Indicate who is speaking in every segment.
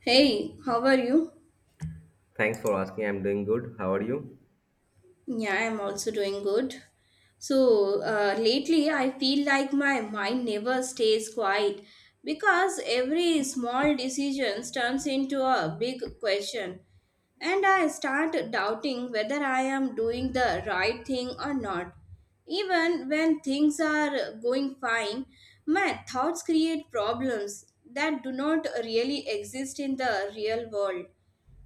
Speaker 1: Hey, how are you?
Speaker 2: Thanks for asking. I'm doing good. How are you?
Speaker 1: Yeah, I'm also doing good. So, lately I feel like my mind never stays quiet because every small decision turns into a big question, and I start doubting whether I am doing the right thing or not. Even when things are going fine, my thoughts create problems that do not really exist in the real world.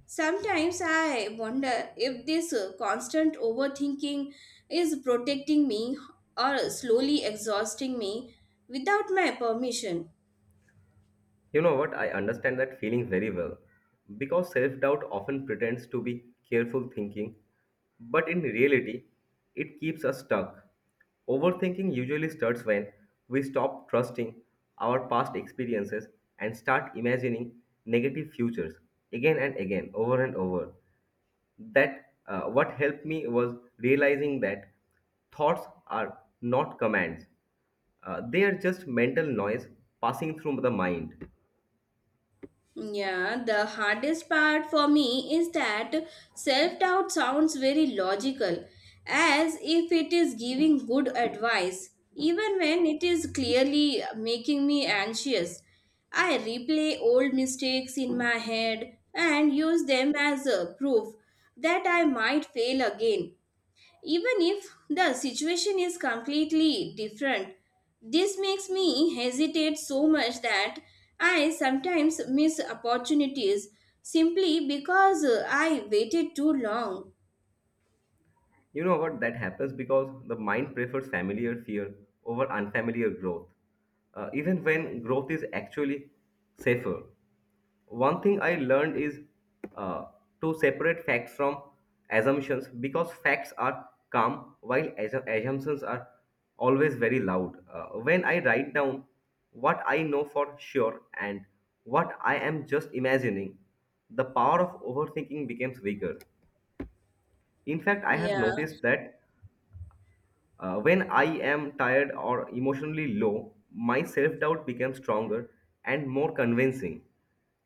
Speaker 1: Sometimes I wonder if this constant overthinking is protecting me or slowly exhausting me without my permission.
Speaker 2: You know what? I understand that feeling very well. Because self doubt often pretends to be careful thinking, but in reality, it keeps us stuck. Overthinking usually starts when we stop trusting our past experiences and start imagining negative futures again and again, over and over. That What helped me was realizing that thoughts are not commands. They are just mental noise passing through the mind.
Speaker 1: Yeah, the hardest part for me is that self doubt sounds very logical, as if it is giving good advice, even when it is clearly making me anxious. I replay old mistakes in my head and use them as a proof that I might fail again even if the situation is completely different. This makes me hesitate so much that I sometimes miss opportunities simply because I waited too long.
Speaker 2: You know what? That happens because the mind prefers familiar fear over unfamiliar growth, even when growth is actually safer. One thing I learned is uh, to separate facts from assumptions, because facts are calm while assumptions are always very loud. When I write down what I know for sure and what I am just imagining, the power of overthinking becomes weaker. In fact, I have
Speaker 1: Yeah.
Speaker 2: noticed that when I am tired or emotionally low, my self doubt becomes stronger and more convincing.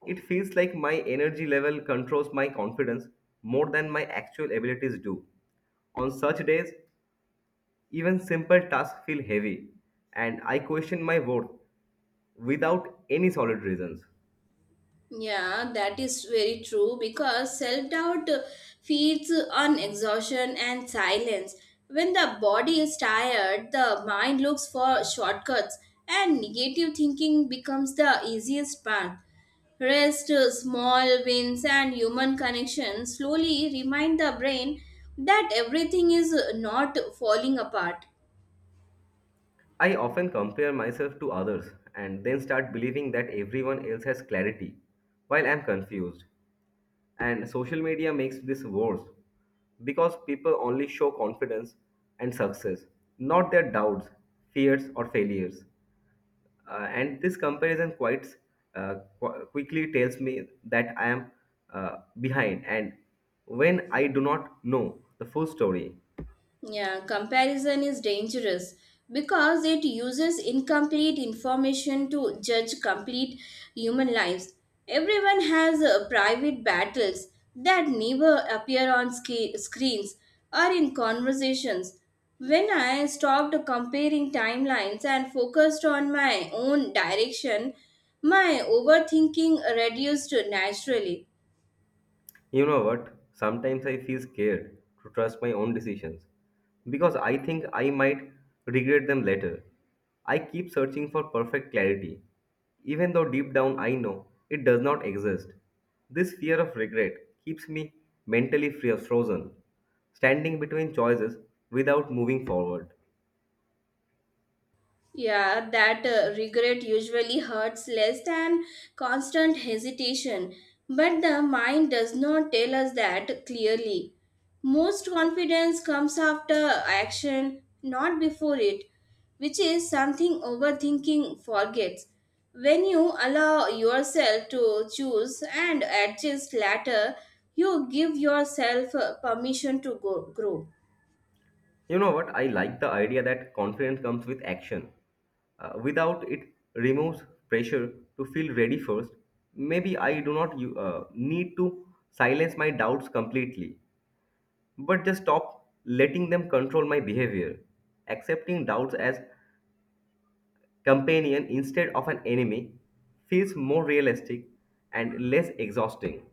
Speaker 2: It feels like my energy level controls my confidence more than my actual abilities do. On such days, even simple tasks feel heavy, and I question my worth without any solid reasons.
Speaker 1: Yeah, that is very true because self doubt feeds on exhaustion and silence. When the body is tired, the mind looks for shortcuts, and negative thinking becomes the easiest path. Rest, small wins, and human connection slowly remind the brain that everything is not falling apart.
Speaker 2: I often compare myself to others and then start believing that everyone else has clarity, while I'm confused. And social media makes this worse because people only show confidence and success, not their doubts, fears, or failures. And this comparison quite uh, quickly tells me that I am behind, and when I do not know the full story.
Speaker 1: Yeah, comparison is dangerous because it uses incomplete information to judge complete human lives. Everyone has private battles that never appear on screens or in conversations. When I stopped comparing timelines and focused on my own direction, my overthinking reduced naturally.
Speaker 2: You know what? Sometimes I feel scared to trust my own decisions because I think I might regret them later. I keep searching for perfect clarity, even though deep down I know it does not exist. This fear of regret keeps me mentally frozen, standing between choices without moving forward.
Speaker 1: Yeah, that regret usually hurts less than constant hesitation, but the mind does not tell us that clearly. Most confidence comes after action, not before it, which is something overthinking forgets. When you allow yourself to choose and adjust later, you give yourself permission to grow.
Speaker 2: You know what? I like the idea that confidence comes with action. Without it removes pressure to feel ready first. Maybe I do not need to silence my doubts completely, but just stop letting them control my behavior. Accepting doubts as companion instead of an enemy feels more realistic and less exhausting.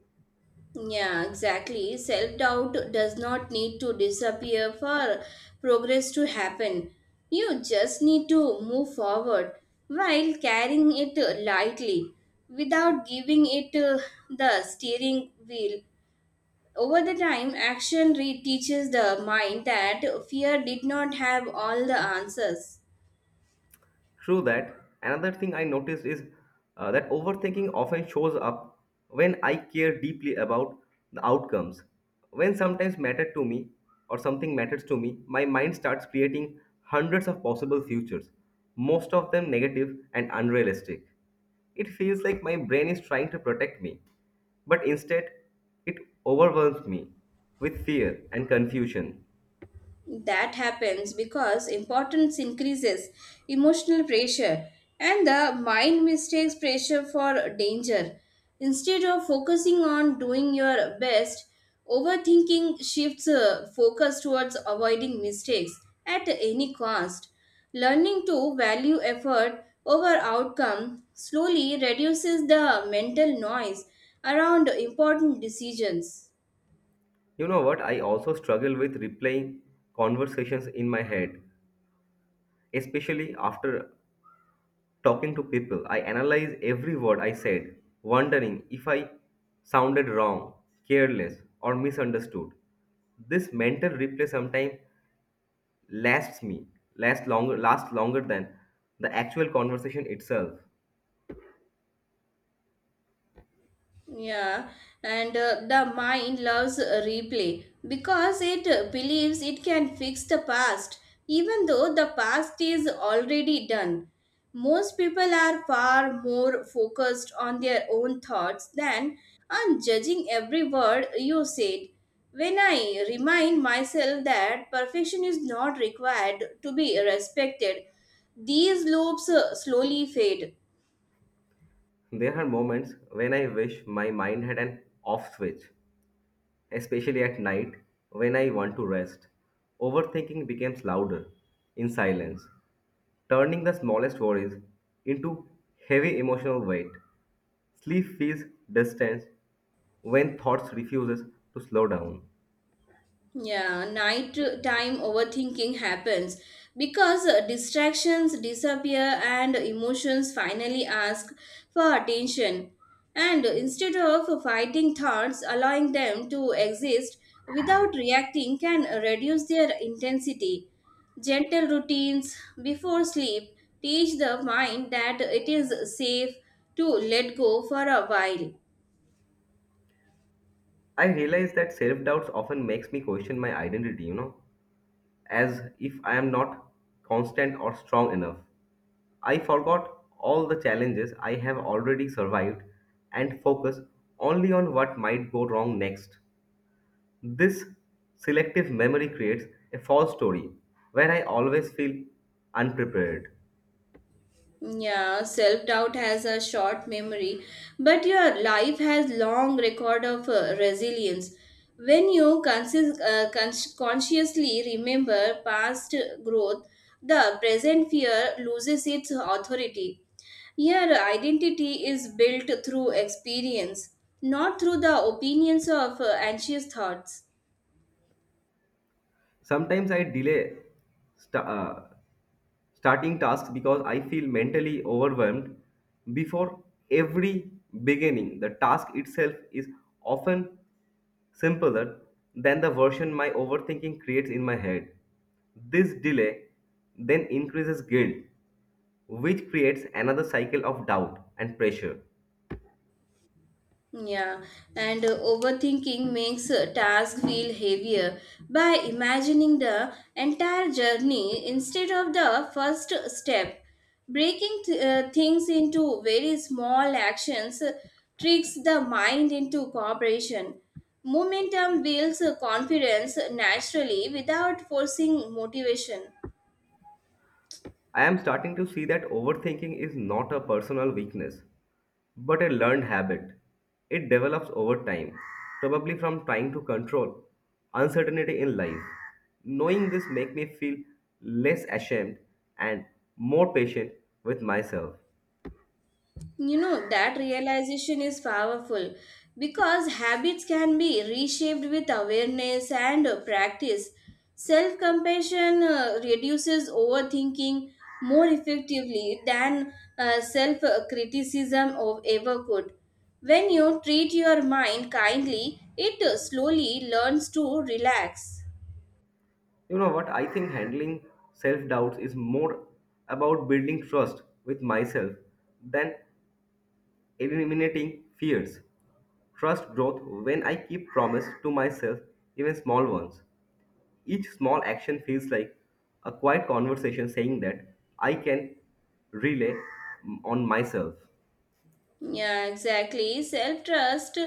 Speaker 1: Yeah, exactly. Self doubt does not need to disappear for progress to happen. You just need to move forward while carrying it lightly without giving it the steering wheel. Over the time, teaches the mind that fear did not have all the answers.
Speaker 2: True that. Another thing I noticed is that overthinking often shows up when I care deeply about the outcomes. When sometimes matter to me or something matters to me, my mind starts creating hundreds of possible futures, most of them negative and unrealistic. It feels like my brain is trying to protect me, but instead it overwhelms me with fear and confusion.
Speaker 1: That happens because importance increases emotional pressure and the mind mistakes pressure for danger. Instead of focusing on doing your best, overthinking shifts focus towards avoiding mistakes at any cost. Learning to value effort over outcome slowly reduces the mental noise around important decisions.
Speaker 2: You know what? I also struggle with replaying conversations in my head. Especially after talking to people, I analyze every word I said, wondering if I sounded wrong, careless, or misunderstood. This mental replay sometimes lasts me, lasts longer than the actual conversation itself.
Speaker 1: Yeah, and the mind loves replay because it believes it can fix the past, even though the past is already done. Most people are far more focused on their own thoughts than on judging every word you said. When I remind myself that perfection is not required to be respected, these loops slowly fade.
Speaker 2: There are moments when I wish my mind had an off switch, especially at night when I want to rest. Overthinking becomes louder in silence, turning the smallest worries into heavy emotional weight. Sleep feels distance when thoughts refuses to slow down.
Speaker 1: Yeah, night time overthinking happens because distractions disappear and emotions finally ask for attention. And instead of fighting thoughts, allowing them to exist without reacting can reduce their intensity. Gentle routines before sleep teach the mind that it is safe to let go for a while.
Speaker 2: I realize that self-doubts often makes me question my identity, you know, as if I am not constant or strong enough. I forgot all the challenges I have already survived and focus only on what might go wrong next. This selective memory creates a false story where I always feel unprepared.
Speaker 1: Yeah, self doubt has a short memory, but your life has long record of resilience. When you consciously remember past growth, the present fear loses its authority. Your identity is built through experience, not through the opinions of anxious thoughts.
Speaker 2: Sometimes I delay sta- uh, starting tasks because I feel mentally overwhelmed before every beginning. The task itself is often simpler than the version my overthinking creates in my head. This delay then increases guilt, which creates another cycle of doubt and pressure.
Speaker 1: Yeah, and overthinking makes a task feel heavier by imagining the entire journey instead of the first step. Breaking things into very small actions tricks the mind into cooperation. Momentum builds confidence naturally without forcing motivation.
Speaker 2: I am starting to see that overthinking is not a personal weakness, but a learned habit. It develops over time, probably from trying to control uncertainty in life. Knowing this makes me feel less ashamed and more patient with myself.
Speaker 1: You know, that realization is powerful because habits can be reshaped with awareness and practice. Self compassion reduces overthinking more effectively than self criticism of ever could. When you treat your mind kindly, it slowly learns to relax.
Speaker 2: You know what? I think handling self doubts is more about building trust with myself than eliminating fears. Trust growth when I keep promise to myself, even small ones. Each small action feels like a quiet conversation saying that I can relay on myself.
Speaker 1: Yeah, exactly. Self trust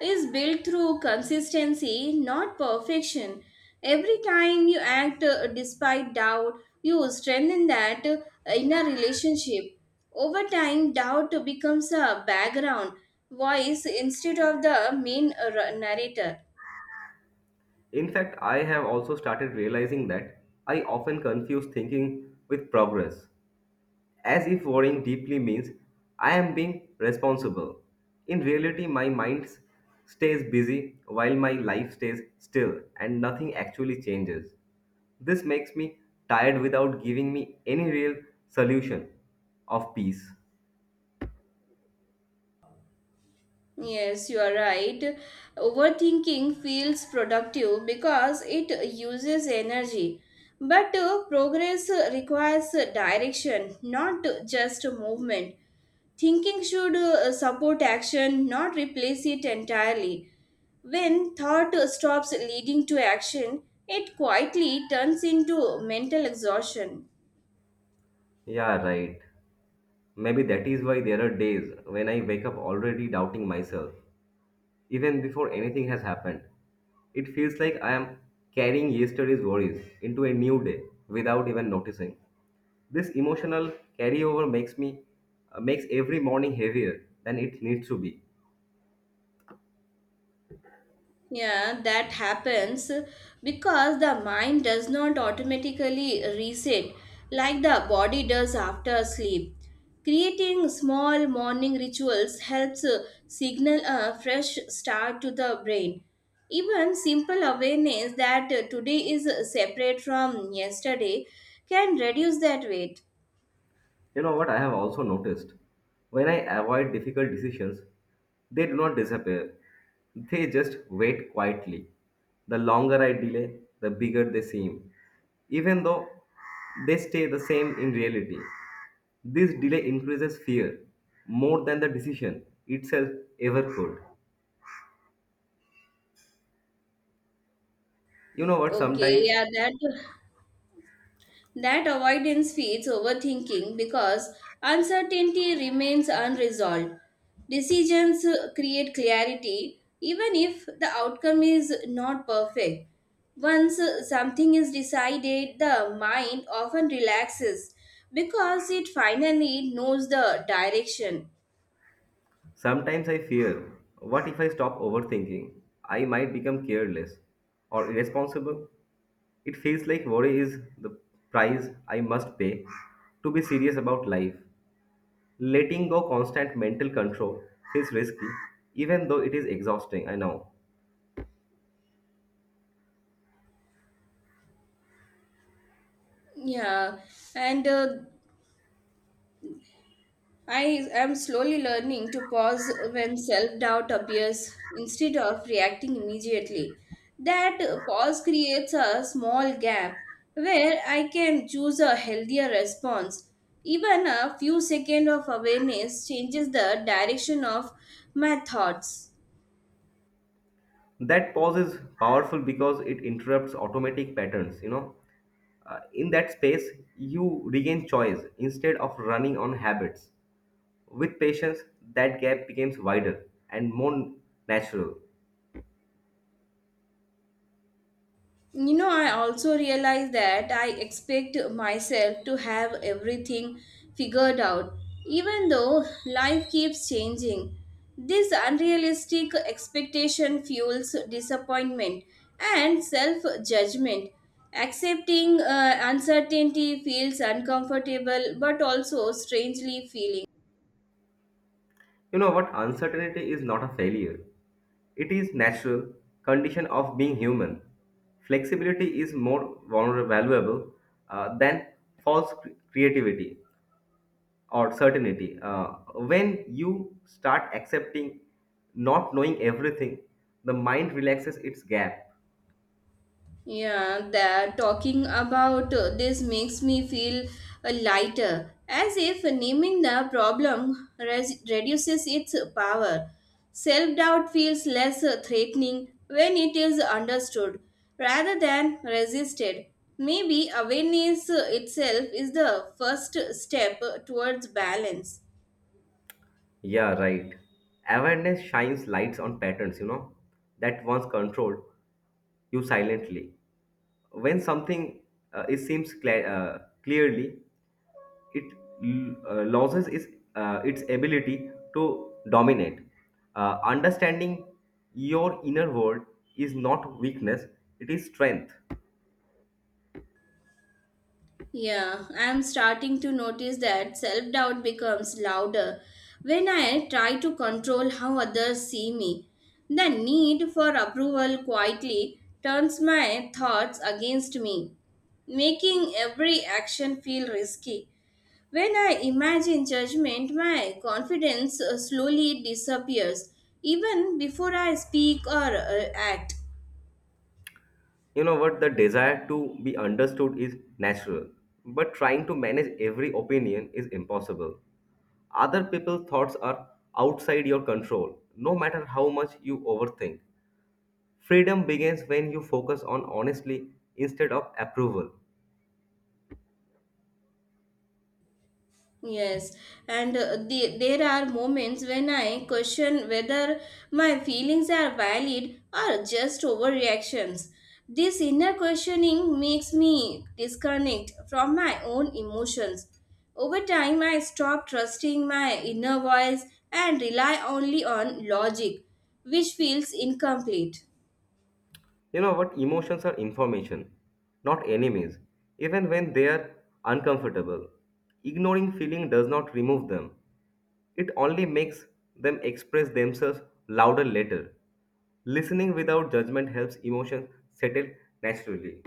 Speaker 1: is built through consistency, not perfection. Every time you act despite doubt, you strengthen that inner relationship. Over time, doubt becomes a background voice instead of the main narrator.
Speaker 2: In fact, I have also started realizing that I often confuse thinking with progress, as if worrying deeply means I am being responsible. In reality, my mind stays busy while my life stays still and nothing actually changes. This makes me tired without giving me any real solution of peace.
Speaker 1: Yes, you are right. Overthinking feels productive because it uses energy. But progress requires direction, not just movement. Thinking should support action, not replace it entirely. When thought stops leading to action, it quietly turns into mental exhaustion.
Speaker 2: Yeah, right. Maybe that is why there are days when I wake up already doubting myself, even before anything has happened. It feels like I am carrying yesterday's worries into a new day without even noticing. This emotional carryover makes every morning heavier than it needs to be.
Speaker 1: Yeah, that happens because the mind does not automatically reset like the body does after sleep. Creating small morning rituals helps signal a fresh start to the brain. Even simple awareness that today is separate from yesterday can reduce that weight.
Speaker 2: You know what I have also noticed? When I avoid difficult decisions, they do not disappear. They just wait quietly. The longer I delay, the bigger they seem, even though they stay the same in reality. This delay increases fear more than the decision itself ever could. You know what?
Speaker 1: Okay, yeah, that avoidance feeds overthinking because uncertainty remains unresolved. Decisions create clarity even if the outcome is not perfect. Once something is decided, the mind often relaxes because it finally knows the direction.
Speaker 2: Sometimes I fear, what if I stop overthinking? I might become careless or irresponsible. It feels like worry is the price I must pay to be serious about life. Letting go constant mental control feels risky, even though it is exhausting, I know.
Speaker 1: Yeah, and I am slowly learning to pause when self doubt appears instead of reacting immediately. That pause creates a small gap where I can choose a healthier response. Even a few seconds of awareness changes the direction of my thoughts.
Speaker 2: That pause is powerful because it interrupts automatic patterns, you know. In that space, you regain choice instead of running on habits. With patience, that gap becomes wider and more natural.
Speaker 1: You know, I also realize that I expect myself to have everything figured out, even though life keeps changing. This unrealistic expectation fuels disappointment and self judgment. Accepting uncertainty feels uncomfortable but also strangely feeling.
Speaker 2: You know what? Uncertainty is not a failure. It is natural condition of being human. Flexibility is more vulnerable, valuable than false creativity or certainty. When you start accepting not knowing everything, the mind relaxes its gap.
Speaker 1: Yeah, that talking about this makes me feel lighter, as if naming the problem reduces its power. Self doubt feels less threatening when it is understood rather than resisted. Maybe awareness itself is the first step towards balance.
Speaker 2: Yeah, right. Awareness shines lights on patterns, you know, that once controlled you silently. When something clearly, it loses its ability to dominate. Understanding your inner world is not weakness, it is strength.
Speaker 1: Yeah, I'm starting to notice that self doubt becomes louder when I try to control how others see me. The need for approval quietly turns my thoughts against me, making every action feel risky. When I imagine judgment, my confidence slowly disappears even before I speak or act.
Speaker 2: You know what? The desire to be understood is natural, but trying to manage every opinion is impossible. Other people's thoughts are outside your control, no matter how much you overthink. Freedom begins when you focus on honestly instead of approval.
Speaker 1: Yes, there are moments when I question whether my feelings are valid or just overreactions. This inner questioning makes me disconnect from my own emotions. Over time, I stop trusting my inner voice and rely only on logic, which feels incomplete.
Speaker 2: You know what? Emotions are information, not enemies, even when they are uncomfortable. Ignoring feeling does not remove them, it only makes them express themselves louder later. Listening without judgment helps emotions settle naturally.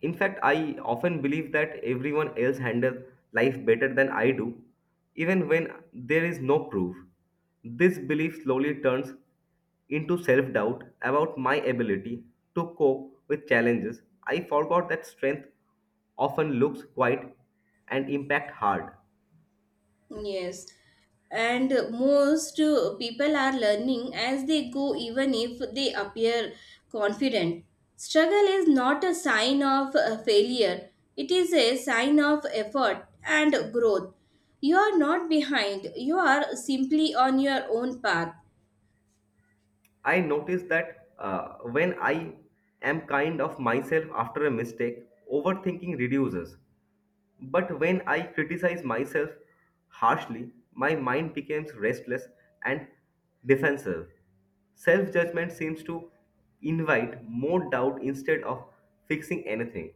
Speaker 2: In fact, I often believe that everyone else handles life better than I do, even when there is no proof. This belief slowly turns into self doubt about my ability to cope with challenges. I forgot that strength often looks quiet and impact hard.
Speaker 1: Yes, and most people are learning as they go, even if they appear confident. Struggle is not a sign of failure, it is a sign of effort and growth. You are not behind, you are simply on your own path.
Speaker 2: I notice that when I am kind of myself after a mistake, overthinking reduces. But when I criticize myself harshly, my mind becomes restless and defensive. Self judgment seems to invite more doubt instead of fixing anything.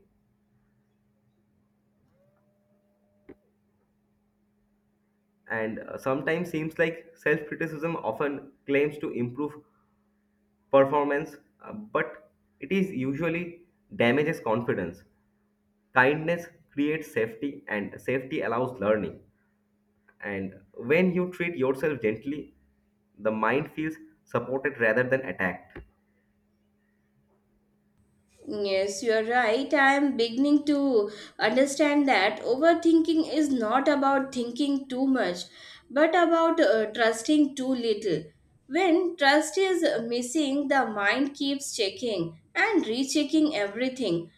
Speaker 2: And sometimes seems like self criticism often claims to improve performance, but it is usually damages confidence. Kindness creates safety, and safety allows learning. And when you treat yourself gently, the mind feels supported rather than attacked.
Speaker 1: Yes, you are right. I am beginning to understand that overthinking is not about thinking too much, but about trusting too little. When trust is missing, the mind keeps checking and rechecking everything.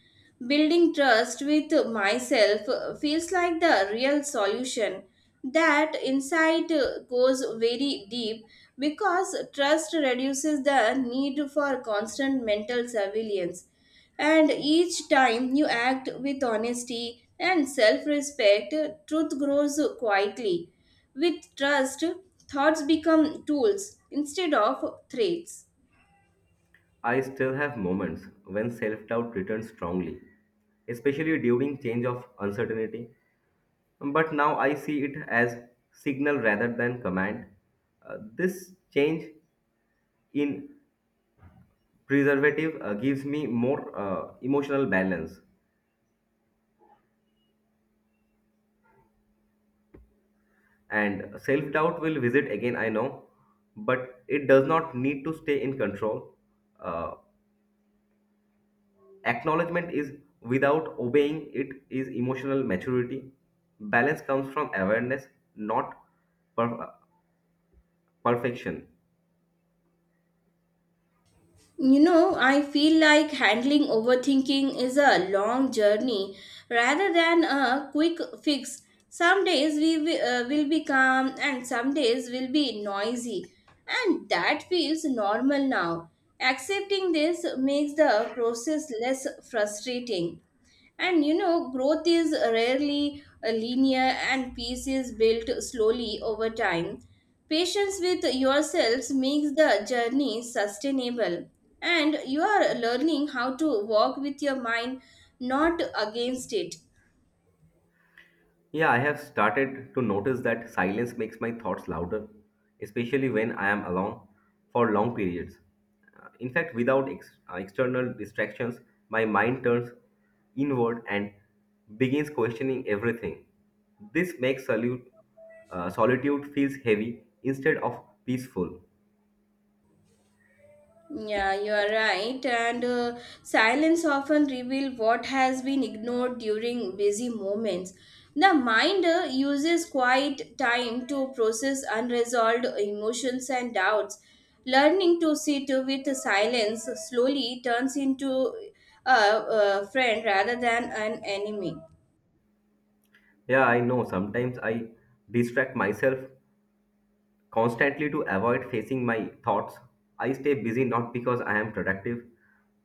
Speaker 1: Building trust with myself feels like the real solution. That insight goes very deep because trust reduces the need for constant mental surveillance and each time you act with honesty and self respect, truth grows quietly. With trust, thoughts become tools instead of threats.
Speaker 2: I still have moments when self doubt returns strongly, especially during change of uncertainty. But now I see it as signal rather than command. This change in preservative gives me more emotional balance, and self doubt will visit again, I know, but it does not need to stay in control. Uh, Acknowledgement is without obeying it is emotional maturity. Balance comes from awareness, not per- perfection.
Speaker 1: You know, I feel like handling overthinking is a long journey rather than a quick fix. Some days will be calm and some days will be noisy, and that feels normal now. Accepting this makes the process less frustrating. And you know, growth is rarely linear and peace is built slowly over time. Patience with yourselves makes the journey sustainable, and you are learning how to walk with your mind, not against it.
Speaker 2: Yeah, I have started to notice that silence makes my thoughts louder, especially when I am alone for long periods. In fact, without external distractions, my mind turns inward and begins questioning everything. This makes solitude feels heavy instead of peaceful.
Speaker 1: Yeah, you are right. And silence often reveals what has been ignored during busy moments. The mind uses quiet time to process unresolved emotions and doubts. Learning to sit with silence slowly turns into a friend rather than an enemy.
Speaker 2: Yeah, I know. Sometimes I distract myself constantly to avoid facing my thoughts. I stay busy not because I am productive,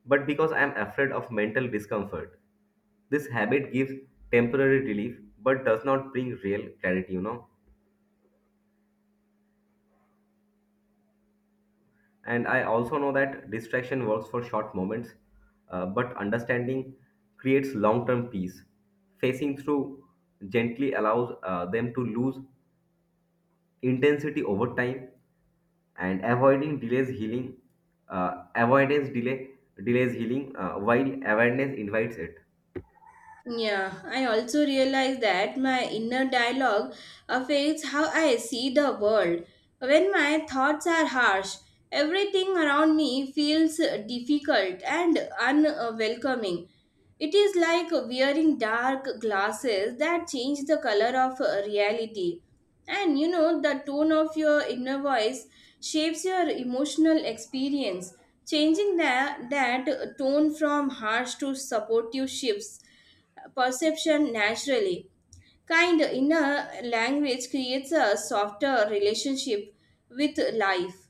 Speaker 2: but because I am afraid of mental discomfort. This habit gives temporary relief but does not bring real clarity, you know. And I also know that distraction works for short moments, but understanding creates long term peace. Facing through gently allows them to lose intensity over time and avoiding delays healing avoidance delays healing, while awareness invites it.
Speaker 1: Yeah, I also realize that my inner dialogue affects how I see the world. When my thoughts are harsh, everything around me feels difficult and unwelcoming. It is like wearing dark glasses that change the color of reality. And you know, the tone of your inner voice shapes your emotional experience. Changing that tone from harsh to supportive shifts perception naturally. Kind inner language creates a softer relationship with life.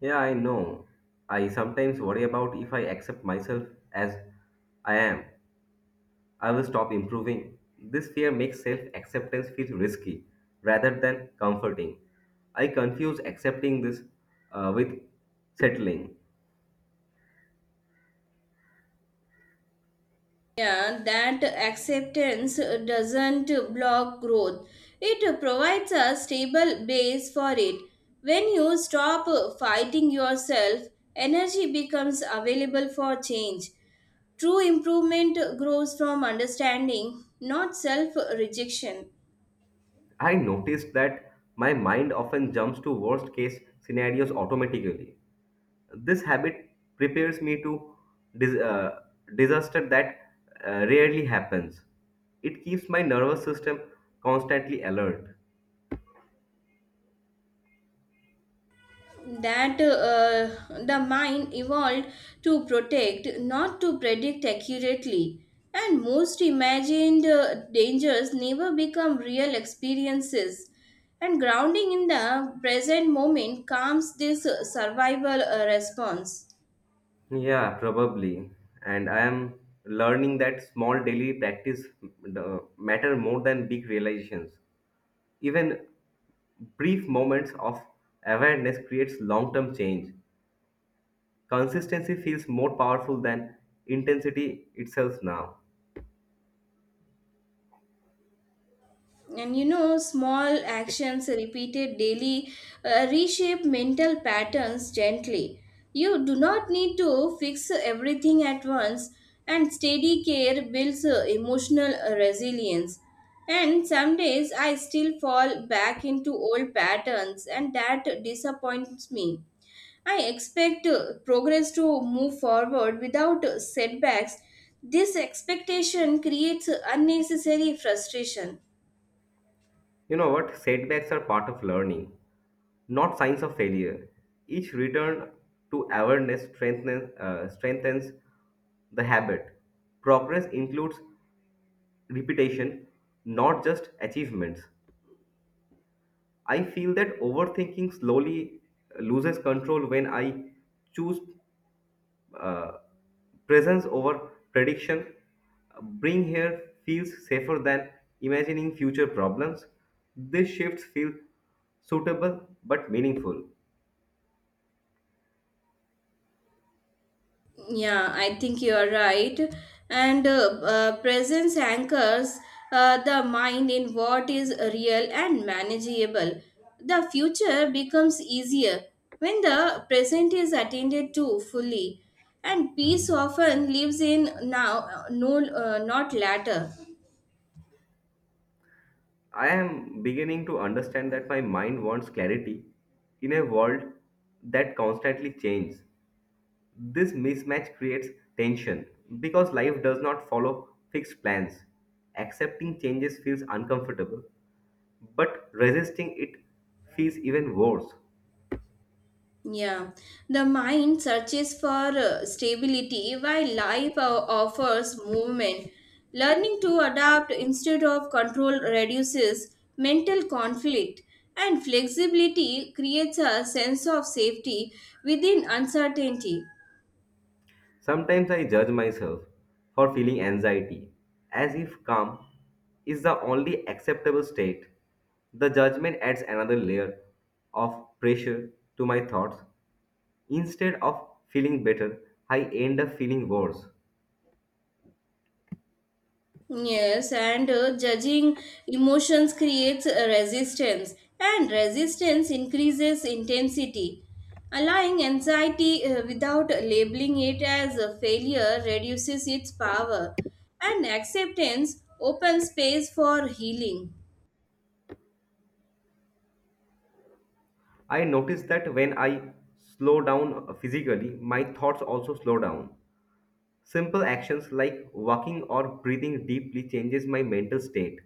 Speaker 2: Yeah, I know. I sometimes worry about if I accept myself as I am, I will stop improving. This fear makes self acceptance feel risky rather than comforting. I confuse accepting this with settling.
Speaker 1: Yeah, that acceptance doesn't block growth. It provides a stable base for it. When you stop fighting yourself, energy becomes available for change. True improvement grows from understanding, not self rejection.
Speaker 2: I noticed that my mind often jumps to worst case scenarios automatically. This habit prepares me to dis- uh, disaster that rarely happens. It keeps my nervous system constantly alert.
Speaker 1: That the mind evolved to protect, not to predict accurately. And most imagined dangers never become real experiences. And grounding in the present moment calms this survival response.
Speaker 2: Yeah, probably. And I am learning that small daily practice matter more than big realizations. Even brief moments of awareness creates long-term change. Consistency feels more powerful than intensity itself now.
Speaker 1: And you know, small actions repeated daily reshape mental patterns gently. You do not need to fix everything at once, and steady care builds emotional resilience. And some days I still fall back into old patterns, and that disappoints me. I expect progress to move forward without setbacks. This expectation creates unnecessary frustration.
Speaker 2: You know what? Setbacks are part of learning, not signs of failure. Each return to awareness strengthens the habit. Progress includes repetition, not just achievements. I feel that overthinking slowly loses control when I choose uh, presence over prediction. Bring here feels safer than imagining future problems. These shifts feel suitable but meaningful.
Speaker 1: Yeah, I think you're right. And presence anchors the mind in what is real and manageable. The future becomes easier when the present is attended to fully. And peace often lives in now, not later.
Speaker 2: I am beginning to understand that my mind wants clarity in a world that constantly changes. This mismatch creates tension because life does not follow fixed plans. Accepting changes feels uncomfortable, but resisting it feels even worse.
Speaker 1: Yeah, the mind searches for stability while life offers movement. Learning to adapt instead of control reduces mental conflict, and flexibility creates a sense of safety within uncertainty.
Speaker 2: Sometimes I judge myself for feeling anxiety, as if calm is the only acceptable state. The judgment adds another layer of pressure to my thoughts. Instead of feeling better, I end up feeling worse.
Speaker 1: Yes, and judging emotions creates a resistance, and resistance increases intensity. Allowing anxiety without labeling it as a failure reduces its power, and acceptance opens space for healing.
Speaker 2: I notice that when I slow down physically, my thoughts also slow down. Simple actions like walking or breathing deeply changes my mental state.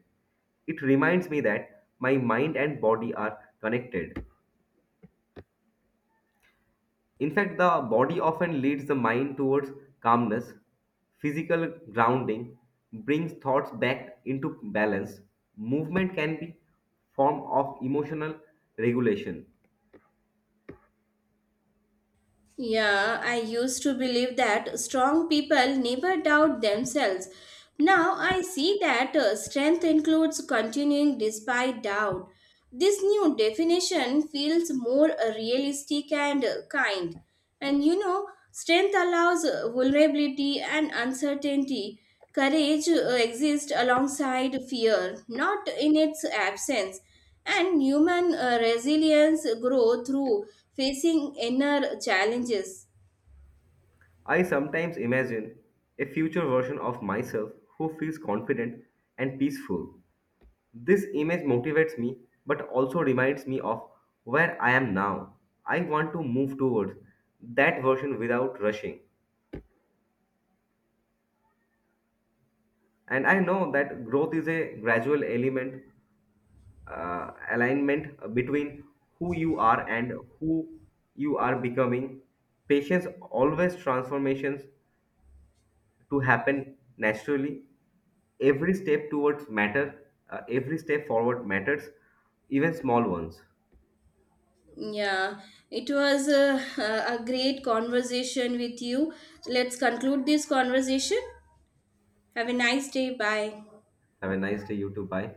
Speaker 2: It reminds me that my mind and body are connected. In fact, the body often leads the mind towards calmness. Physical grounding brings thoughts back into balance. Movement can be form of emotional regulation.
Speaker 1: Yeah, I used to believe that strong people never doubt themselves. Now I see that strength includes continuing despite doubt. This new definition feels more realistic and kind. And you know, strength allows vulnerability and uncertainty. Courage exists alongside fear, not in its absence, and human resilience grow through facing inner challenges.
Speaker 2: I sometimes imagine a future version of myself who feels confident and peaceful. This image motivates me but also reminds me of where I am now. I want to move towards that version without rushing. And I know that growth is a gradual element, alignment between who you are and who you are becoming. Patience always transformations to happen naturally. Every step towards matter, every step forward matters, even small ones.
Speaker 1: Yeah, it was a great conversation with you. Let's conclude this conversation. Have a nice day. Bye.
Speaker 2: Have a nice day, you too. Bye.